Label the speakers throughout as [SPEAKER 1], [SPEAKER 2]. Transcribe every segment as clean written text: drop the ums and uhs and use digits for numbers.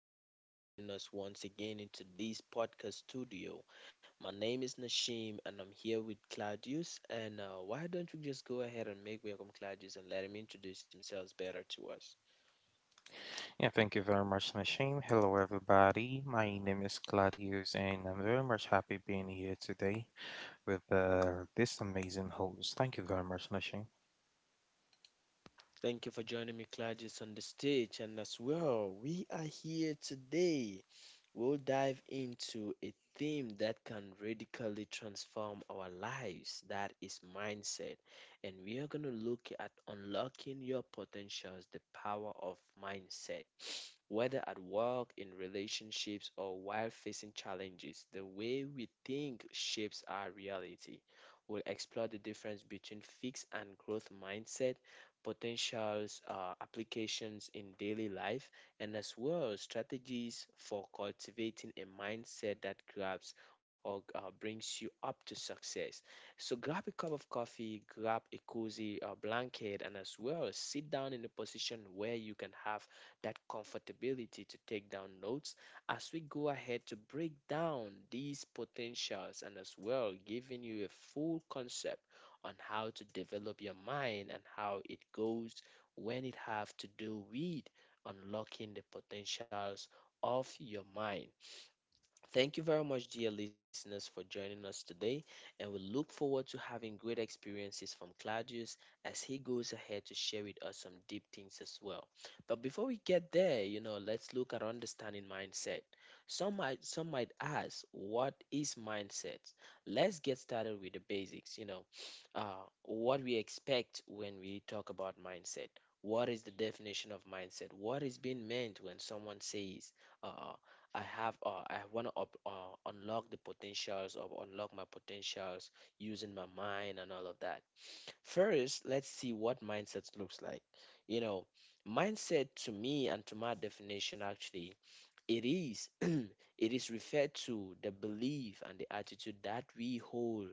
[SPEAKER 1] very much for joining us once again in today's podcast studio. My name is Nashim, and I'm here with Claudius. And Why don't we just go ahead and make welcome Claudius and let him introduce himself better to us?
[SPEAKER 2] Yeah, thank you very much, Nashim. Hello, everybody. My name is Claudius, and I'm very much happy being here today with this amazing host. Thank you very much, Nashim.
[SPEAKER 1] Thank you for joining me, Claudius, on the stage. And as well, we are here today. We'll dive into a theme that can radically transform our lives, that is mindset. And we are going to look at unlocking your potentials, the power of mindset. Whether at work, in relationships, or while facing challenges, the way we think shapes our reality. We'll explore the difference between fixed and growth mindset, potentials, applications in daily life, and as well strategies for cultivating a mindset that grabs or brings you up to success. So grab a cup of coffee, grab a cozy blanket, and as well sit down in a position where you can have that comfortability to take down notes as we go ahead to break down these potentials and as well giving you a full concept on how to develop your mind and how it goes when it have to do with unlocking the potentials of your mind. Thank you very much, dear listeners, for joining us today, and we look forward to having great experiences from Claudius as he goes ahead to share with us some deep things as well. But before we get there, you know, let's look at understanding mindset. Some might ask, what is mindset? Let's get started with the basics, you know, uh, what we expect when we talk about mindset. What is the definition of mindset? What is being meant when someone says? uh, I have I want to unlock the potentials or unlock my potentials using my mind and all of that. First, let's see what mindset looks like. You know, mindset to me and to my definition actually, it is it is referred to the belief and the attitude that we hold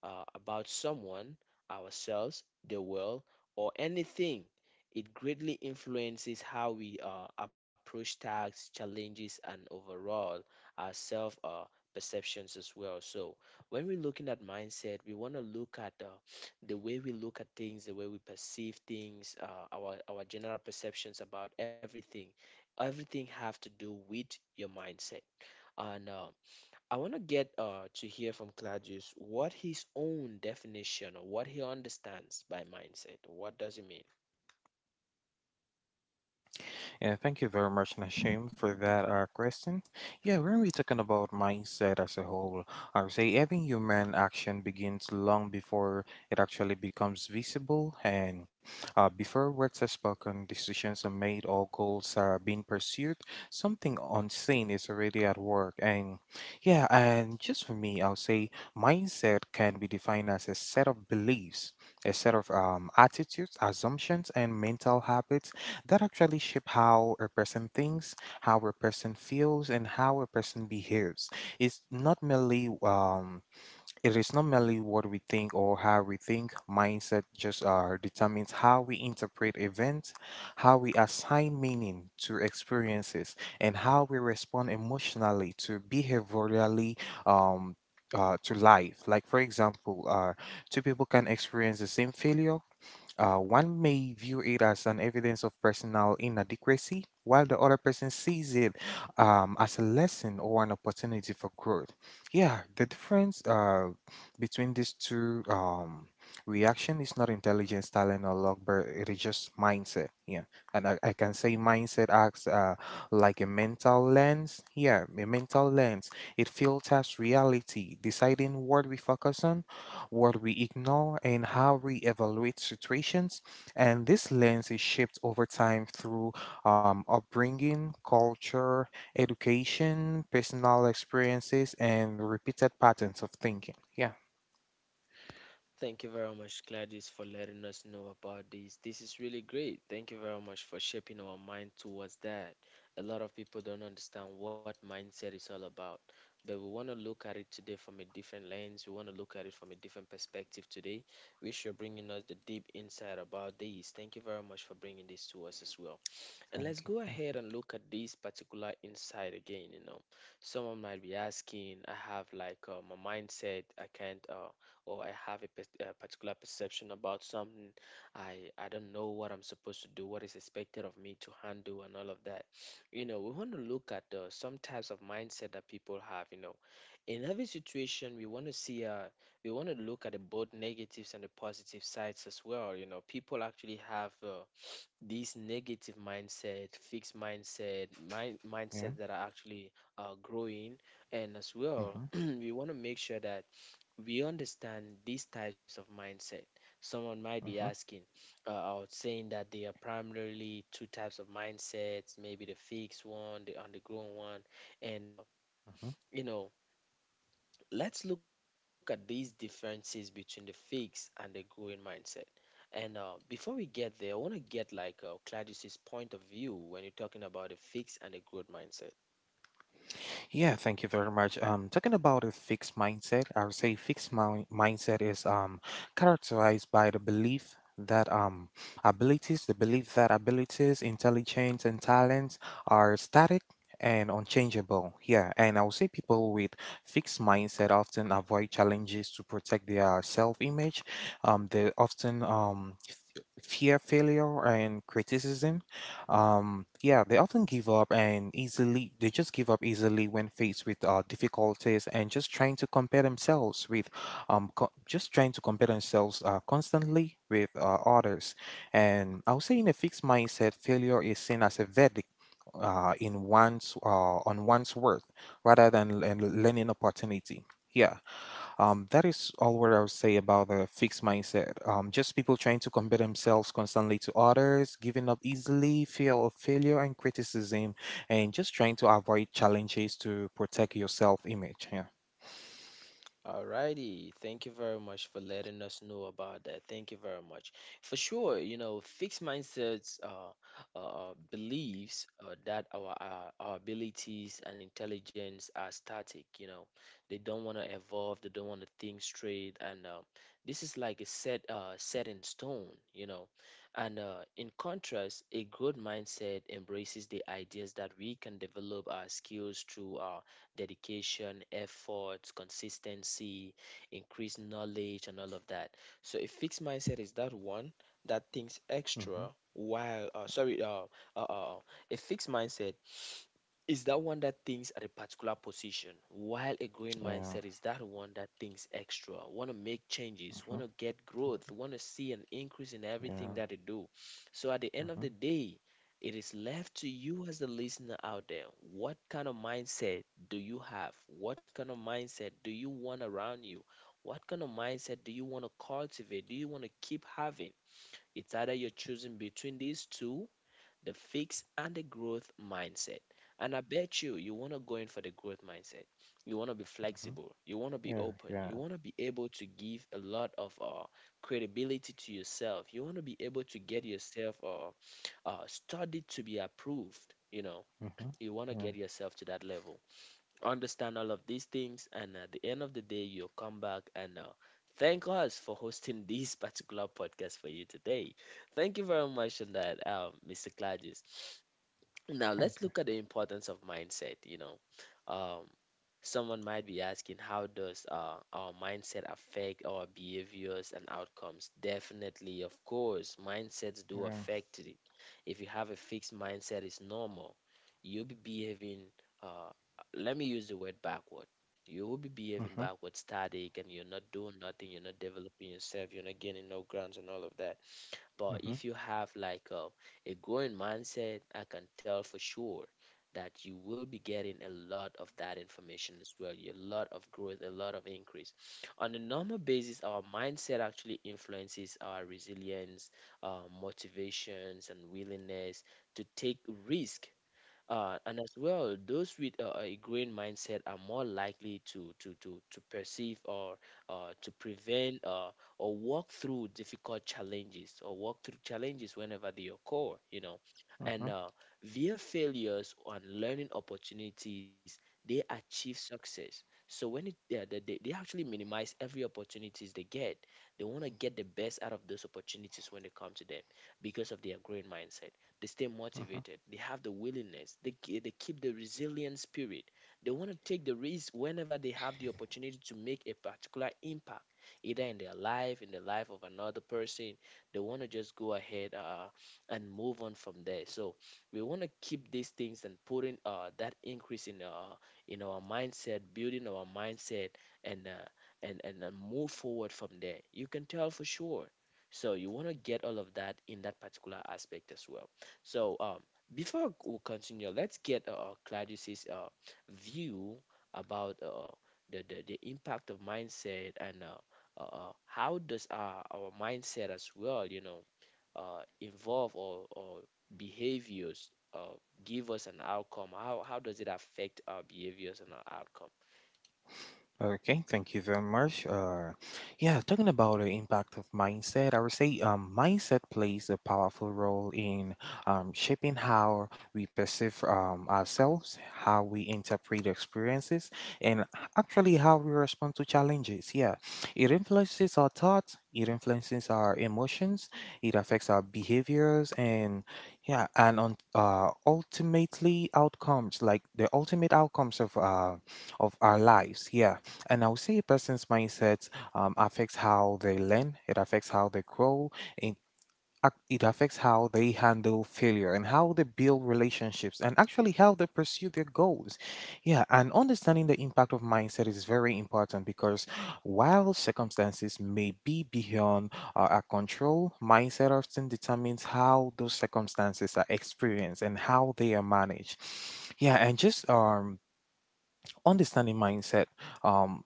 [SPEAKER 1] about someone, ourselves, the world, or anything. It greatly influences how we approach tasks, challenges, and overall our self perceptions as well. So, when we're looking at mindset, we want to look at the way we look at things, the way we perceive things, our general perceptions about everything. Everything have to do with your mindset. And I want to get to hear from Claudius what his own definition or what he understands by mindset. What does it mean?
[SPEAKER 2] Yeah, thank you very much, Nashim, for that question. Yeah, we're going to be talking about mindset as a whole. I would say every human action begins long before it actually becomes visible, and before words are spoken, decisions are made, or goals are being pursued, something unseen is already at work. And yeah, and just for me, I would say mindset can be defined as a set of beliefs, a set of attitudes, assumptions, and mental habits that actually shape how a person thinks, how a person feels, and how a person behaves. It's not merely um, it is not merely what we think or how we think. Mindset just determines how we interpret events, how we assign meaning to experiences, and how we respond emotionally to behaviorally. Um, to life, like for example, two people can experience the same failure, one may view it as an evidence of personal inadequacy, while the other person sees it, as a lesson or an opportunity for growth. Yeah, the difference, between these two reaction is not intelligence, talent, or luck, but it is just mindset. Yeah, and I can say mindset acts like a mental lens. Yeah, a mental lens. It filters reality, deciding what we focus on, what we ignore, and how we evaluate situations. And this lens is shaped over time through upbringing, culture, education, personal experiences, and repeated patterns of thinking. Yeah,
[SPEAKER 1] Thank you very much, Gladys, for letting us know about this. This is really great. Thank you very much for shaping our mind towards that. A lot of people don't understand what mindset is all about, but we want to look at it today from a different lens. We want to look at it from a different perspective today, which you're bringing us the deep insight about this. Thank you very much for bringing this to us as well. And let's
[SPEAKER 2] thank
[SPEAKER 1] go
[SPEAKER 2] you.
[SPEAKER 1] ahead and look at this particular insight again. You know, someone might be asking, I have like my mindset, I can't, or I have a, a particular perception about something. I don't know what I'm supposed to do, what is expected of me to handle, and all of that. You know, we want to look at some types of mindset that people have. You know, in every situation, we want to see, we want to look at the both negatives and the positive sides as well. You know, people actually have. These negative mindset, fixed mindset,
[SPEAKER 2] Yeah.
[SPEAKER 1] mindset that are actually growing, and as well,
[SPEAKER 2] Mm-hmm.
[SPEAKER 1] we want to make sure that we understand these types of mindset. Someone might be
[SPEAKER 2] Mm-hmm.
[SPEAKER 1] asking, or saying that they are primarily two types of mindsets, maybe the fixed one, the undergrown one, and
[SPEAKER 2] Mm-hmm.
[SPEAKER 1] you know, let's look at these differences between the fixed and the growing mindset. And Before we get there, I want to get like Claudius's point of view when you're talking about the fixed and the growth mindset.
[SPEAKER 2] Yeah, thank you very much. Talking about a fixed mindset, I would say mindset is characterized by the belief that abilities, the belief that abilities, intelligence, and talents are static and unchangeable. Yeah, and I would say people with fixed mindset often avoid challenges to protect their self-image. They often fear failure and criticism, yeah, they often give up and easily, they just give up easily when faced with difficulties, and just trying to compare themselves with just trying to compare themselves constantly with others. And I would say in a fixed mindset, failure is seen as a verdict, in one's on one's worth rather than a learning opportunity. Yeah. That is all what I would say about the fixed mindset. Just people trying to compare themselves constantly to others, giving up easily, fear of failure and criticism, and just trying to avoid challenges to protect your self image. Yeah.
[SPEAKER 1] Alrighty, thank you very much for letting us know about that. Thank you very much. For sure, you know, fixed mindsets beliefs that our abilities and intelligence are static. You know, they don't want to evolve. They don't want to think straight. And This is like a set in stone. You know, and in contrast, a growth mindset embraces the ideas that we can develop our skills through dedication, efforts, consistency, increased knowledge, and all of that. So a fixed mindset is that one that thinks
[SPEAKER 2] Mm-hmm.
[SPEAKER 1] extra while sorry uh, uh, uh, a fixed mindset is that one that thinks at a particular position, while a growing
[SPEAKER 2] Yeah.
[SPEAKER 1] mindset is that one that thinks extra, want to make changes,
[SPEAKER 2] Uh-huh.
[SPEAKER 1] want to get growth, want to see an increase in
[SPEAKER 2] Yeah.
[SPEAKER 1] everything that they do. So at the end of
[SPEAKER 2] Uh-huh.
[SPEAKER 1] the day, it is left to you as the listener out there. What kind of mindset do you have? What kind of mindset do you want around you? What kind of mindset do you want to cultivate? Do you want to keep having? It's either you're choosing between these two, the fixed and the growth mindset. And I bet you, you want to go in for the growth mindset. You want to be
[SPEAKER 2] Uh-huh.
[SPEAKER 1] flexible. You want to be
[SPEAKER 2] Yeah.
[SPEAKER 1] open.
[SPEAKER 2] Yeah.
[SPEAKER 1] You want to be able to give a lot of credibility to yourself. You want to be able to get yourself study to be approved. You know,
[SPEAKER 2] Mm-hmm.
[SPEAKER 1] you want to
[SPEAKER 2] Yeah.
[SPEAKER 1] get yourself to that level. Understand all of these things, and at the end of the day, you'll come back and thank us for hosting this particular podcast for you today. Thank you very much on that, Mr. Claudius. Now
[SPEAKER 2] Thank
[SPEAKER 1] let's
[SPEAKER 2] you.
[SPEAKER 1] look at the importance of mindset. You know, um, someone might be asking, how does our mindset affect our behaviors and outcomes? Definitely, of course, mindsets do
[SPEAKER 2] Yeah.
[SPEAKER 1] affect it. If you have a fixed mindset, it's normal. You'll be behaving. Uh, Let me use the word backward. You will be behaving
[SPEAKER 2] Mm-hmm.
[SPEAKER 1] backward, static, and you're not doing nothing. You're not developing yourself. You're not gaining no grounds and all of that. But
[SPEAKER 2] Mm-hmm.
[SPEAKER 1] if you have like a growing mindset, I can tell for sure that you will be getting a lot of that information as well. A lot of growth, a lot of increase. On a normal basis, our mindset actually influences our resilience, our motivations, and willingness to take risk, and as well, those with a green mindset are more likely to perceive or to prevent or walk through difficult challenges or walk through challenges whenever they occur, you know.
[SPEAKER 2] Mm-hmm.
[SPEAKER 1] And Via failures and learning opportunities, they achieve success. So when it, yeah, they actually minimize every opportunities they get. They want to get the best out of those opportunities when they come to them because of their green mindset. They stay motivated. They have the willingness. They, they keep the resilient spirit. They want to take the risk whenever they have the opportunity to make a particular impact, either in their life, in the life of another person. They want to just go ahead and move on from there. So we want to keep these things and putting that increase in our mindset, building our mindset, and uh, and move forward from there. You can tell for sure. So you want to get all of that in that particular aspect as well. So before we continue, let's get Claudius's view about the impact of mindset, and how does our mindset as well, you know, involve or behaviors give us an outcome? How does it affect our behaviors and our outcome?
[SPEAKER 2] Okay, thank you very much. Yeah, talking about the impact of mindset, I would say, mindset plays a powerful role in, shaping how we perceive, ourselves, how we interpret experiences, and actually how we respond to challenges. Yeah, it influences our thoughts, it influences our emotions, it affects our behaviors, and yeah, and on, ultimately outcomes, like the ultimate outcomes of, of our lives. Yeah, and I would say a person's mindset, affects how they learn, it affects how they grow, and it affects how they handle failure, and how they build relationships, and actually how they pursue their goals. Yeah, and understanding the impact of mindset is very important, because while circumstances may be beyond, our control, mindset often determines how those circumstances are experienced and how they are managed. Yeah, and just, understanding mindset. Um,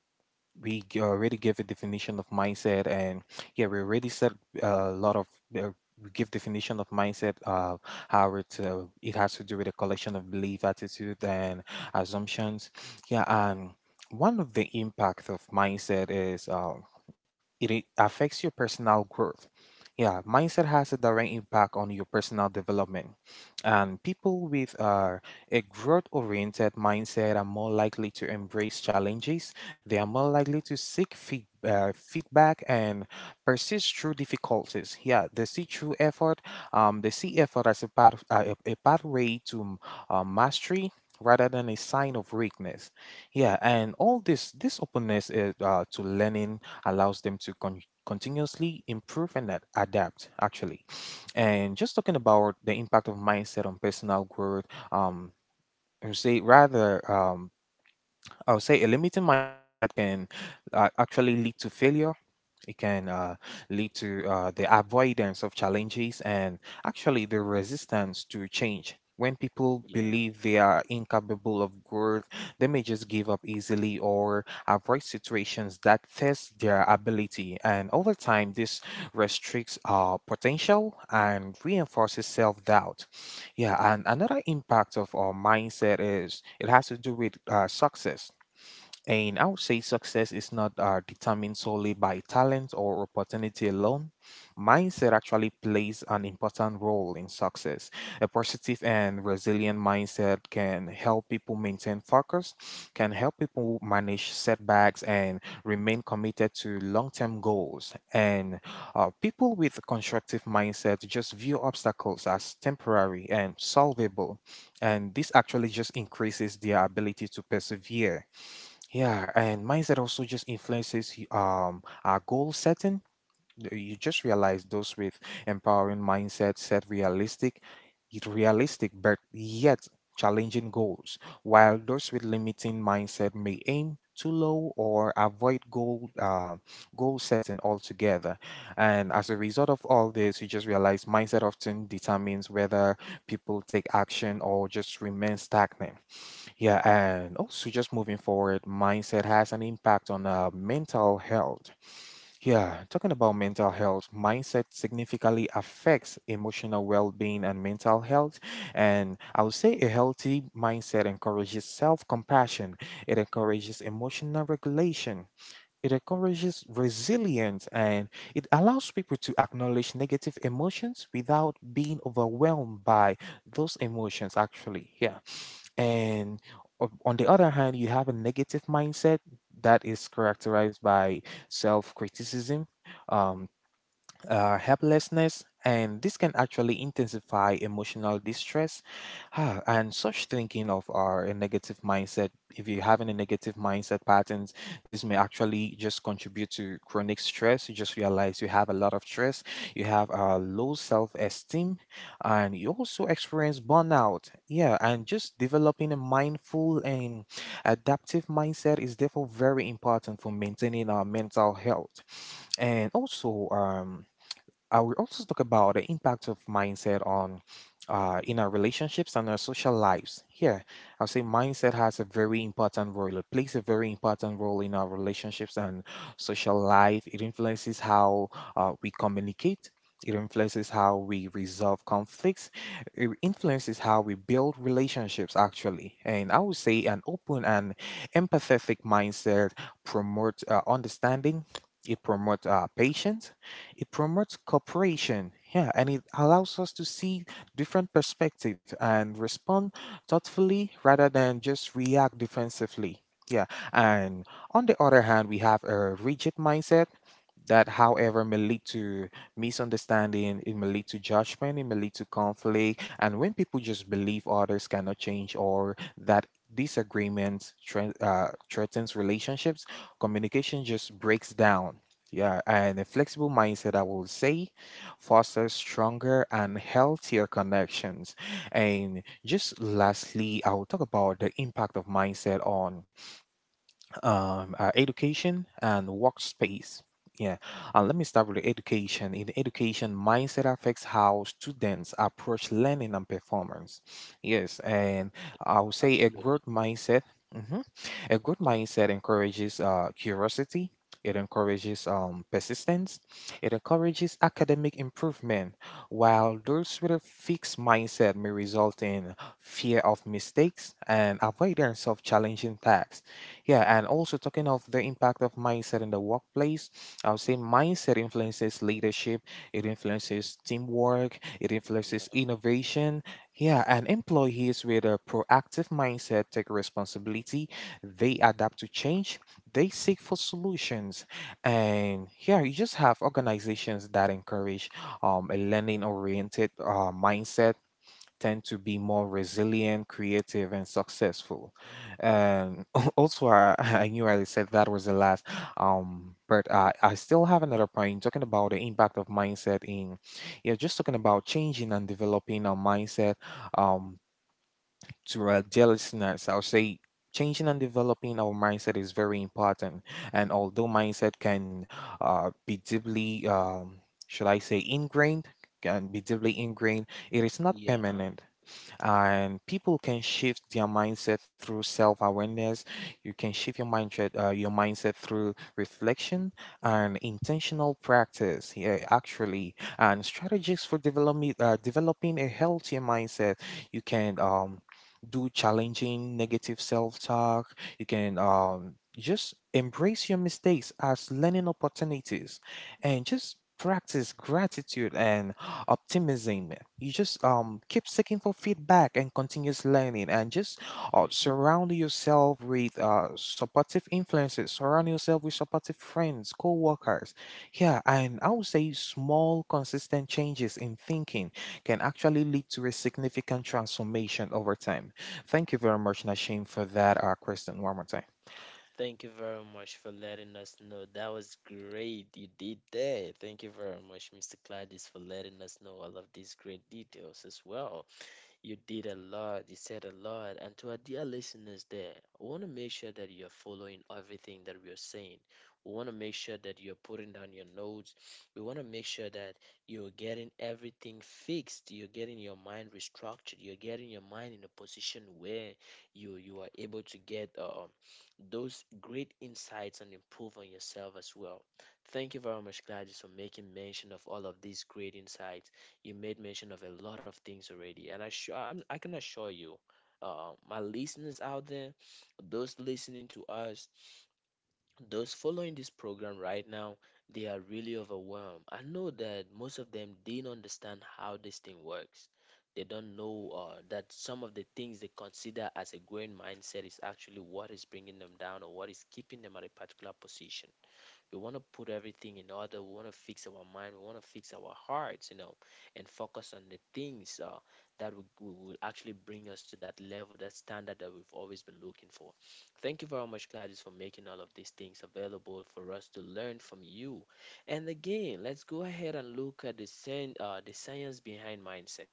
[SPEAKER 2] already gave a definition of mindset, and yeah, we already said a lot of, uh, we give definition of mindset, how it, it has to do with a collection of belief, attitude, and assumptions. Yeah, and one of the impacts of mindset is, it affects your personal growth. Yeah, mindset has a direct impact on your personal development. And people with, a growth oriented mindset are more likely to embrace challenges. They are more likely to seek feedback and persist through difficulties. Yeah, they see through effort. They see effort as a pathway to, mastery rather than a sign of weakness. Yeah, and all this openness is, to learning, allows them to continuously improve and adapt actually. And just talking about the impact of mindset on personal growth, um I would say rather um I would say a limiting mindset can, actually lead to failure. It can, lead to, the avoidance of challenges and
[SPEAKER 1] Mm.
[SPEAKER 2] actually the resistance to change. When people
[SPEAKER 1] Yeah.
[SPEAKER 2] believe they are incapable of growth, they may just give up easily or avoid situations that test their ability. And over time, this restricts our potential and reinforces self doubt. Yeah,
[SPEAKER 1] Hmm.
[SPEAKER 2] and another impact of our mindset is it has to do with, success. And I would say success is not, determined solely by talent or opportunity alone.
[SPEAKER 1] Hmm. Hmm.
[SPEAKER 2] Mindset actually plays an important role in success. A positive and resilient mindset can help people maintain focus, can help people manage setbacks, and remain committed to long term goals. And, people with constructive mindset just view obstacles as temporary and solvable. And this actually just increases their ability to persevere. Yeah, and mindset also just influences our goal setting. You just realize those with empowering mindset set realistic, yet realistic but yet challenging goals, while those with limiting mindset may aim too low or avoid goal setting altogether. And as a result of all this, you just realize mindset often determines whether people take action or just remain stagnant. Yeah, and also just moving forward, mindset has an impact on, mental health. Yeah, talking about mental health, mindset significantly affects emotional well being and mental health. And I would say a healthy mindset encourages self compassion, it encourages emotional regulation. It encourages resilience, and it allows people to acknowledge negative emotions without being overwhelmed by those emotions, actually. Yeah. And on the other hand, you have a negative mindset that is characterized by self criticism, um, helplessness, and this can actually intensify emotional distress. Ah, and such thinking of our a negative mindset, if you're having a negative mindset patterns, this may actually just contribute to chronic stress. You just realize you have a lot of stress, you have a low self esteem, and you also experience burnout. Yeah, and just developing a mindful and adaptive mindset is therefore very important for maintaining our mental health. And also, I will also talk about the impact of mindset on, in our relationships and our social lives. Here, I'll say mindset has a very important role. It plays a very important role in our relationships and social life. It influences how, we communicate. It influences how we resolve conflicts. It influences how we build relationships, actually. And I would say an open and empathetic mindset promotes, understanding. It promotes, patience, it promotes cooperation. Yeah, and it allows us to see different perspectives and respond thoughtfully rather than just react defensively. Yeah, and on the other hand, we have a rigid mindset that, however, may lead to misunderstanding, it may lead to judgment, it may lead to conflict. And when people just believe others cannot change, or that threatens relationships, communication just breaks down. Yeah, and a flexible mindset, I will say, fosters stronger and healthier connections. And just lastly, I will talk about the impact of mindset on, education and workspace. Yeah, and let me start with the education. In the education, mindset affects how students approach learning and performance. Yes, and I would say a growth
[SPEAKER 1] Absolutely.
[SPEAKER 2] mindset. Mhm, a growth
[SPEAKER 1] Yeah.
[SPEAKER 2] mindset encourages, curiosity. It encourages, persistence. It encourages academic improvement, while those with a fixed mindset may result in fear of mistakes and avoidance of challenging tasks. Yeah, and
[SPEAKER 1] Hmm.
[SPEAKER 2] also talking of the impact of mindset in the workplace, I would say mindset influences leadership, it influences teamwork, it influences innovation. Yeah, and employees with a proactive mindset take responsibility, they adapt to change, they seek for solutions. And yeah, you just have organizations that encourage, a learning oriented, mindset tend to be more resilient, creative, and successful. And also, I knew I said that was the last, but I still have another point talking about the impact of mindset in, yeah, just talking about changing and developing our mindset, um, to our dear listeners. I'll say changing and developing our mindset is very important. And although mindset can be deeply, ingrained, can be deeply ingrained. It is not
[SPEAKER 1] Yeah.
[SPEAKER 2] permanent and people can shift their mindset through self-awareness. You can shift your mindset your mindset through reflection and intentional practice, yeah, actually, and strategies for developing developing a healthier mindset. You can do challenging negative self-talk. You can just embrace your mistakes as learning opportunities and just practice gratitude and optimism. You just keep seeking for feedback and continuous learning, and just
[SPEAKER 1] Yeah.
[SPEAKER 2] surround yourself with supportive influences, surround yourself with supportive friends, co-workers. Yeah, and I would say small consistent changes in thinking can actually lead to a significant transformation over time. Thank you very much, Nashim, for that question one more time.
[SPEAKER 1] Thank you very much for letting us know. That was great. You did that. Thank you very much, Mr. Gladys, for letting us know all of these great details as well. You did a lot, you said a lot, and to our dear listeners there, we want to make sure that you're following everything that we are saying. We want to make sure that you're putting down your notes. We want to make sure that you're getting everything fixed. You're getting your mind restructured. You're getting your mind in a position where you are able to get those great insights and improve on yourself as well. Thank you very much, Gladys, for making mention of all of these great insights. You made mention of a lot of things already, and I sure I can assure you, my listeners out there, those listening to us, those following this program right now, they are really overwhelmed. I know that most of them didn't understand how this thing works. They don't know that some of the things they consider as a growing mindset is actually what is bringing them down or what is keeping them at a particular position. We want to put everything in order. We want to fix our mind. We want to fix our hearts, you know, and focus on the things that will actually bring us to that level, that standard that we've always been looking for. Thank you very much, Gladys, for making all of these things available for us to learn from you. And again, let's go ahead and look at the science behind mindset.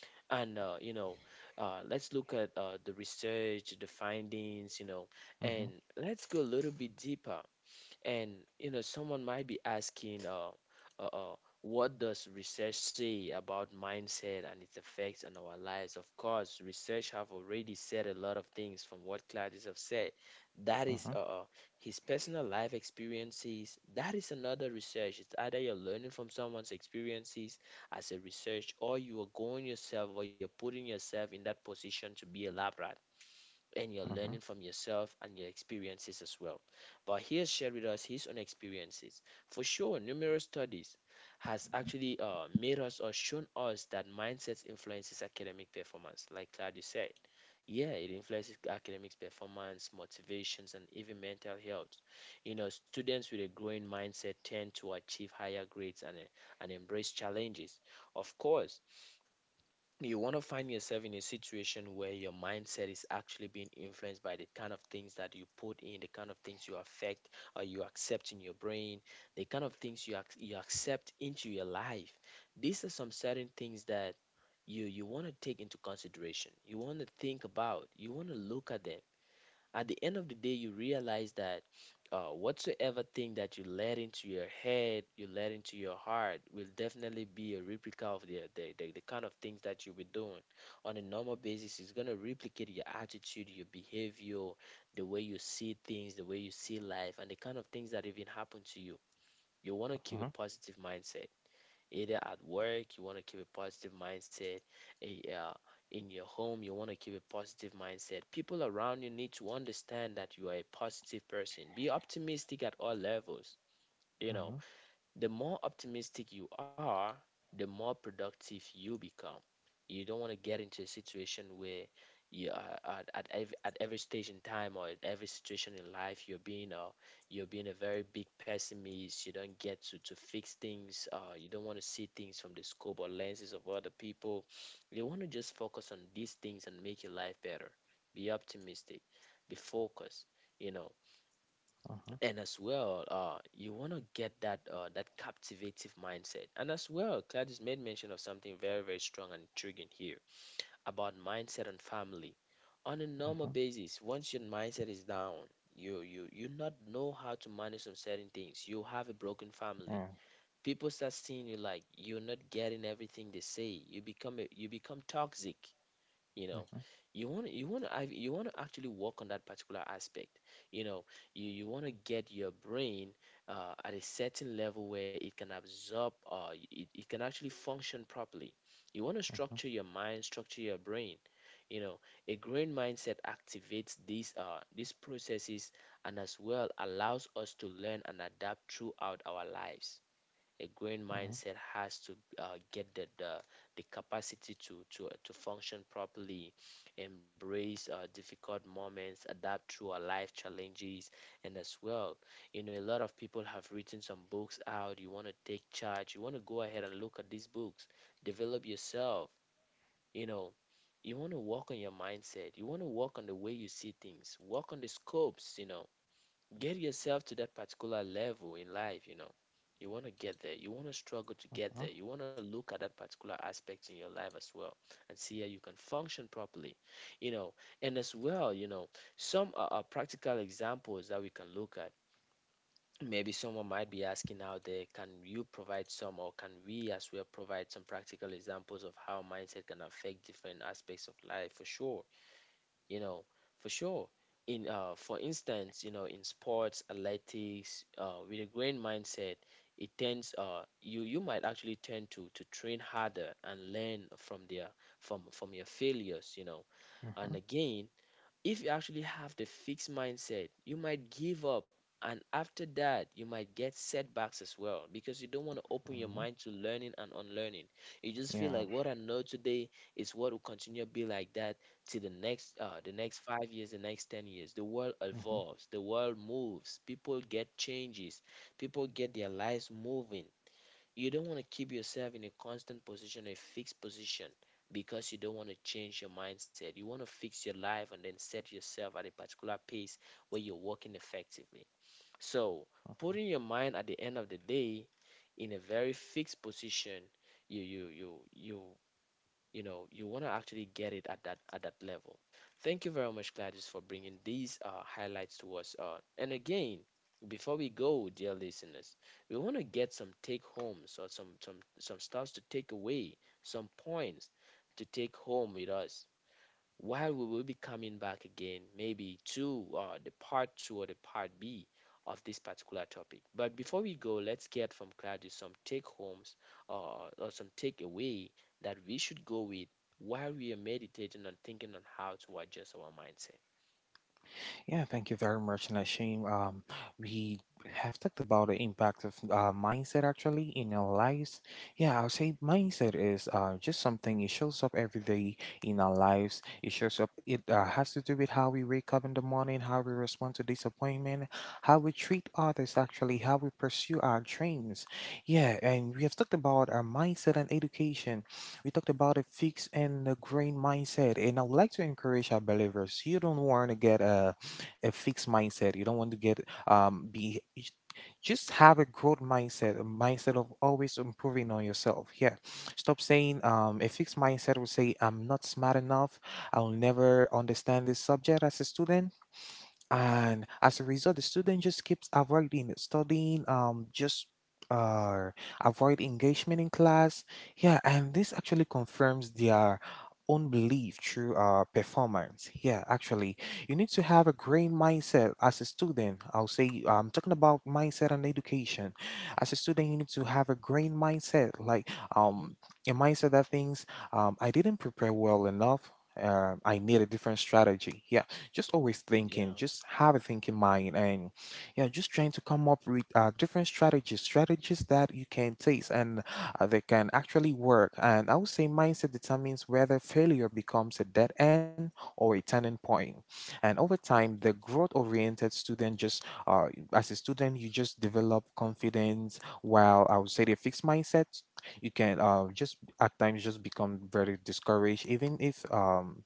[SPEAKER 1] And you know, let's look at the research, the findings, you know. And
[SPEAKER 2] hmm
[SPEAKER 1] let's go a little bit deeper. And you know, someone might be asking, uh, uh, what does research say about mindset and its effects on our lives? Of course, research have already said a lot of things from what Claudius have said. That is
[SPEAKER 2] hmm
[SPEAKER 1] his personal life experiences. That is another research. It's either you're learning from someone's experiences as a research, or you are going yourself, or you're putting yourself in that position to be a lab rat and you're learning
[SPEAKER 2] hmm
[SPEAKER 1] from yourself and your experiences as well. But he has shared with us his own experiences. For sure, numerous studies has actually made us or shown us that mindset influences academic performance. Like Claudia said, yeah, it influences academic performance, motivations, and even mental health. You know, students with a growing mindset tend to achieve higher grades and embrace challenges. Of course, you want to find yourself in a situation where your mindset is actually being influenced by the kind of things that you put in, the kind of things you affect or you accept in your brain, the kind of things you you accept into your life. These are some certain things that you want to take into consideration. You want to think about. You want to look at them. At the end of the day, you realize that whatsoever thing that you let into your head, you let into your heart, will definitely be a replica of the kind of things that you'll be doing on a normal basis. It's gonna replicate your attitude, your behavior, the way you see things, the way you see life, and the kind of things that even happen to you. You want to keep
[SPEAKER 2] hmm
[SPEAKER 1] a positive mindset, either at work. You want to keep a positive mindset eh, uh, in your home. You want to keep a positive mindset. People around you need to understand that you are a positive person. Be optimistic at all levels, you
[SPEAKER 2] hmm
[SPEAKER 1] know.
[SPEAKER 2] hmm
[SPEAKER 1] The more optimistic you are, the more productive you become. You don't want to get into a situation where you are at every at every stage in time or at every situation in life you're being you're being a very big pessimist. You don't get to fix things. You don't want to see things from the scope or lenses of other people. You want to just focus on these things and make your life better. Be optimistic. Be focused. You know,
[SPEAKER 2] hmm
[SPEAKER 1] and as well, you want to get that that captivative mindset. And as well, Claudius made mention of something very, very strong and intriguing here about mindset and family. On a normal basis, once your mindset is down, you not know how to manage some certain things. You have a broken family.
[SPEAKER 2] yeah.
[SPEAKER 1] People start seeing you like you're not getting everything they say. You become you become toxic, you
[SPEAKER 2] Mhm,
[SPEAKER 1] know.
[SPEAKER 2] mhm,
[SPEAKER 1] You want to actually work on that particular aspect, you know. You want to get your brain at a certain level where it can absorb it can actually function properly. You want to
[SPEAKER 2] mhm,
[SPEAKER 1] structure your mind, structure your brain, you know. A growing mindset activates these processes and as well allows us to learn and adapt throughout our lives. A growing
[SPEAKER 2] mhm,
[SPEAKER 1] mindset has to get the capacity to function properly, embrace difficult moments, adapt through our life challenges, and as well, you know, a lot of people have written some books out. You want to take charge. You want to go ahead and look at these books, develop yourself. You know, you want to work on your mindset. You want to work on the way you see things. Work on the scopes. You know, get yourself to that particular level in life, you know. You want to get there. You want to struggle to get there. You want to look at that particular aspect in your life as well and see how you can function properly, you know. And as well, you know, some are practical examples that we can look at. Maybe someone might be asking out there, can you provide some, or can we as well provide some practical examples of how mindset can affect different aspects of life? For sure, you know. For sure, in for instance, you know, in sports athletics, with a growing mindset, it tends, you you might actually tend to train harder and learn from their from your failures, you know.
[SPEAKER 2] mhm,
[SPEAKER 1] And
[SPEAKER 2] mhm,
[SPEAKER 1] again, if you actually have the fixed mindset, you might give up. And after that, you might get setbacks as well because you don't want to open your
[SPEAKER 2] mhm.
[SPEAKER 1] mind to learning and unlearning. You just feel
[SPEAKER 2] Yeah.
[SPEAKER 1] like what I know today is what will continue to be like that till the next 5 years, the next 10 years. The world
[SPEAKER 2] Mhm.
[SPEAKER 1] evolves, the world moves, people get changes, people get their lives moving. You don't want to keep yourself in a constant position, a fixed position, because you don't want to change your mindset. You want to fix your life and then set yourself at a particular pace where you're working effectively. So, putting your mind at the end of the day in a very fixed position, you you know you want to actually get it at that level. Thank you very much, Gladys, for bringing these highlights to us. And again, before we go, dear listeners, we want to get some take homes or some stuff to take away, some points to take home with us while we will be coming back again, maybe to the part two or the part B of this particular topic. But before we go, let's get from Claudio some take homes or some takeaway that we should go with while we are meditating and thinking on how to adjust our mindset.
[SPEAKER 2] Yeah, thank you very much, Nashim. We have talked about the impact of mindset actually in our lives. Yeah, I'll say mindset is just something, it shows up every day in our lives. It shows up. It has to do with how we wake up in the morning, how we respond to disappointment, how we treat others actually, how we pursue our dreams. Yeah, and we have talked about our mindset and education. We talked about a fixed and a growing mindset, and I would like to encourage our believers. You don't want to get a fixed mindset. You don't want to get um be j- just have a growth mindset, a mindset of always improving on yourself. Yeah. Stop saying a fixed mindset will say I'm not smart enough. I'll never understand this subject as a student, and as a result the student just keeps avoiding studying, just uh avoid engagement in class. Yeah, and this actually confirms their own belief through performance, yeah, actually. You need to have a great mindset as a student. I'll say I'm talking about mindset and education. As a student you need to have a great mindset, like,
[SPEAKER 1] Hmm.
[SPEAKER 2] um a mindset that thinks, I didn't prepare well enough, I need a different strategy. Yeah, just always thinking,
[SPEAKER 1] Yeah,
[SPEAKER 2] just have a thinking mind, and yeah, just trying to come up with different strategies, strategies that you can taste and they can actually work. And I would say mindset determines whether failure becomes a dead end or a turning point. And over time, the growth-oriented student just, as a student, you just develop confidence. While I would say the fixed mindset, you can just at times just become very discouraged, even if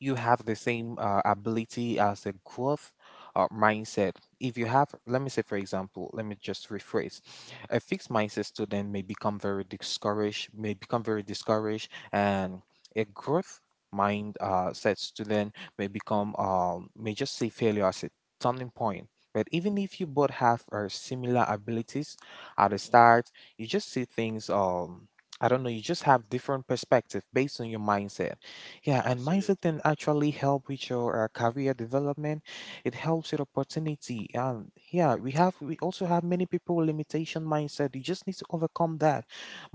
[SPEAKER 2] you have the same ability as a growth mindset. If you have, let me say, for example, let me just rephrase. A fixed mindset student may become very discouraged, may become very discouraged, and a growth mind set student may become, may just see failure as a turning point. But even if you both have similar abilities at the
[SPEAKER 1] mm-hmm.
[SPEAKER 2] start, you just see things, I don't know, you just have different perspective based on your mindset. Yeah, and mindset
[SPEAKER 1] Absolutely.
[SPEAKER 2] can actually help with your career development. It helps with opportunity. And yeah, we also have many people with limitation mindset. You just need to overcome that.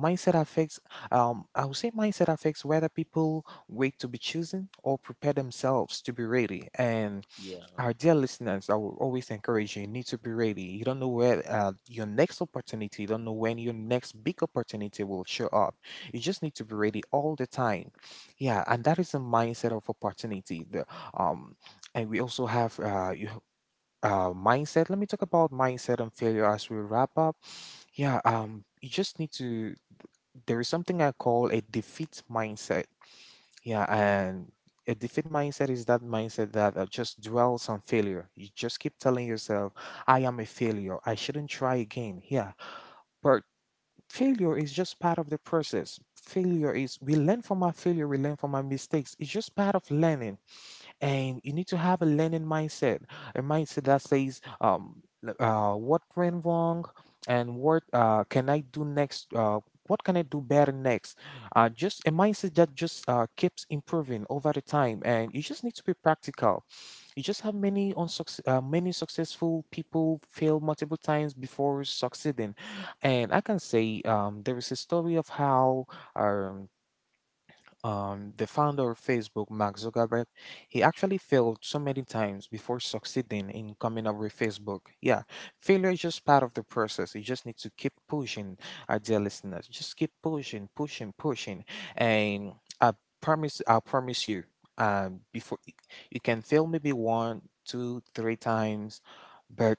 [SPEAKER 2] Mindset affects. I would say mindset affects whether people wait to be chosen or prepare themselves to be ready. And
[SPEAKER 1] Yeah,
[SPEAKER 2] our dear listeners, I will always encourage you, you need to be ready. You don't know when your next big opportunity will show up. You just need to be ready all the time. Yeah, and that is the mindset of opportunity. The, um, and we also have you, mindset. Let me talk about mindset and failure as we wrap up. Yeah, you just need to. There is something I call a defeat mindset. Yeah,
[SPEAKER 1] yeah,
[SPEAKER 2] and a defeat mindset is that mindset that just dwells on failure. You just keep telling yourself, I am a failure, I shouldn't try again. Yeah, but failure is just part of the process. We learn from our failure, we learn from our mistakes. It's just part of learning, and you need to have a learning mindset, a mindset that says, what went wrong, and what can I do next? What can I do better next? Just a mindset that just keeps improving over the time, and you just need to be practical. You just have many many successful people fail multiple times before succeeding, and I can say there is a story of how. Um, the founder of Facebook, Mark Zuckerberg, he actually failed so many times before succeeding in coming up with Facebook. Yeah, failure is just part of the process. You just need to keep pushing, our dear listeners. Just keep pushing, pushing, pushing, and I I promise you, before, you can fail maybe one, two, three times, but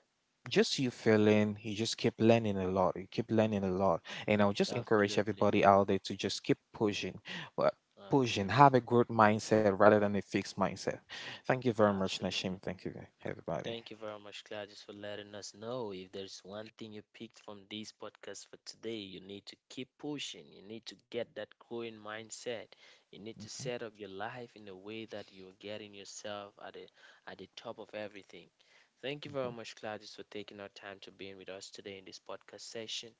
[SPEAKER 2] just you failing, you just keep learning a lot. You keep learning a lot, and I'll just encourage
[SPEAKER 1] absolutely,
[SPEAKER 2] everybody out there to just keep pushing, pushing. Have
[SPEAKER 1] absolutely,
[SPEAKER 2] a growth mindset rather than a fixed mindset. Thank you very much,
[SPEAKER 1] absolutely.
[SPEAKER 2] Nashim. Thank you, everybody.
[SPEAKER 1] Thank you very much, Gladys, for letting us know. If there's one thing you picked from this podcast for today, you need to keep pushing. You need to get that growing mindset. You need to set up your life in a way that you're getting yourself at the top of everything. Thank you very much, Gladys, for taking our time to being with us today in this podcast session.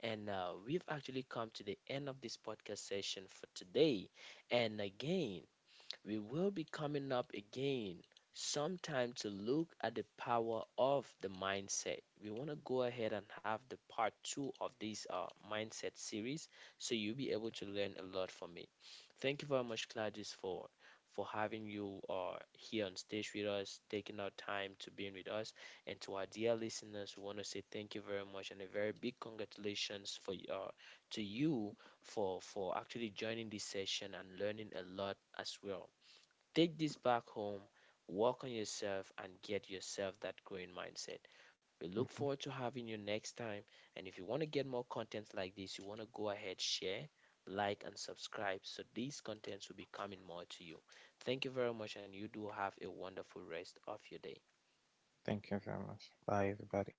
[SPEAKER 1] And we've actually come to the end of this podcast session for today. And again, we will be coming up again sometime to look at the power of the mindset. We want to go ahead and have the part two of this mindset series so you'll be able to learn a lot from it. Thank you very much, Claudius, for having you here on stage with us, taking our time to being with us. And to our dear listeners, we want to say thank you very much and a very big congratulations for to you for actually joining this session and learning a lot as well. Take this back home, work on yourself, and get yourself that growing mindset. We look
[SPEAKER 2] Mhm.
[SPEAKER 1] forward to having you next time. And if you want to get more content like this, you want to go ahead, share, like, and subscribe so these contents will be coming more to you. Thank you very much, and you do have a wonderful rest of your day.
[SPEAKER 2] Thank you very much. Bye, everybody.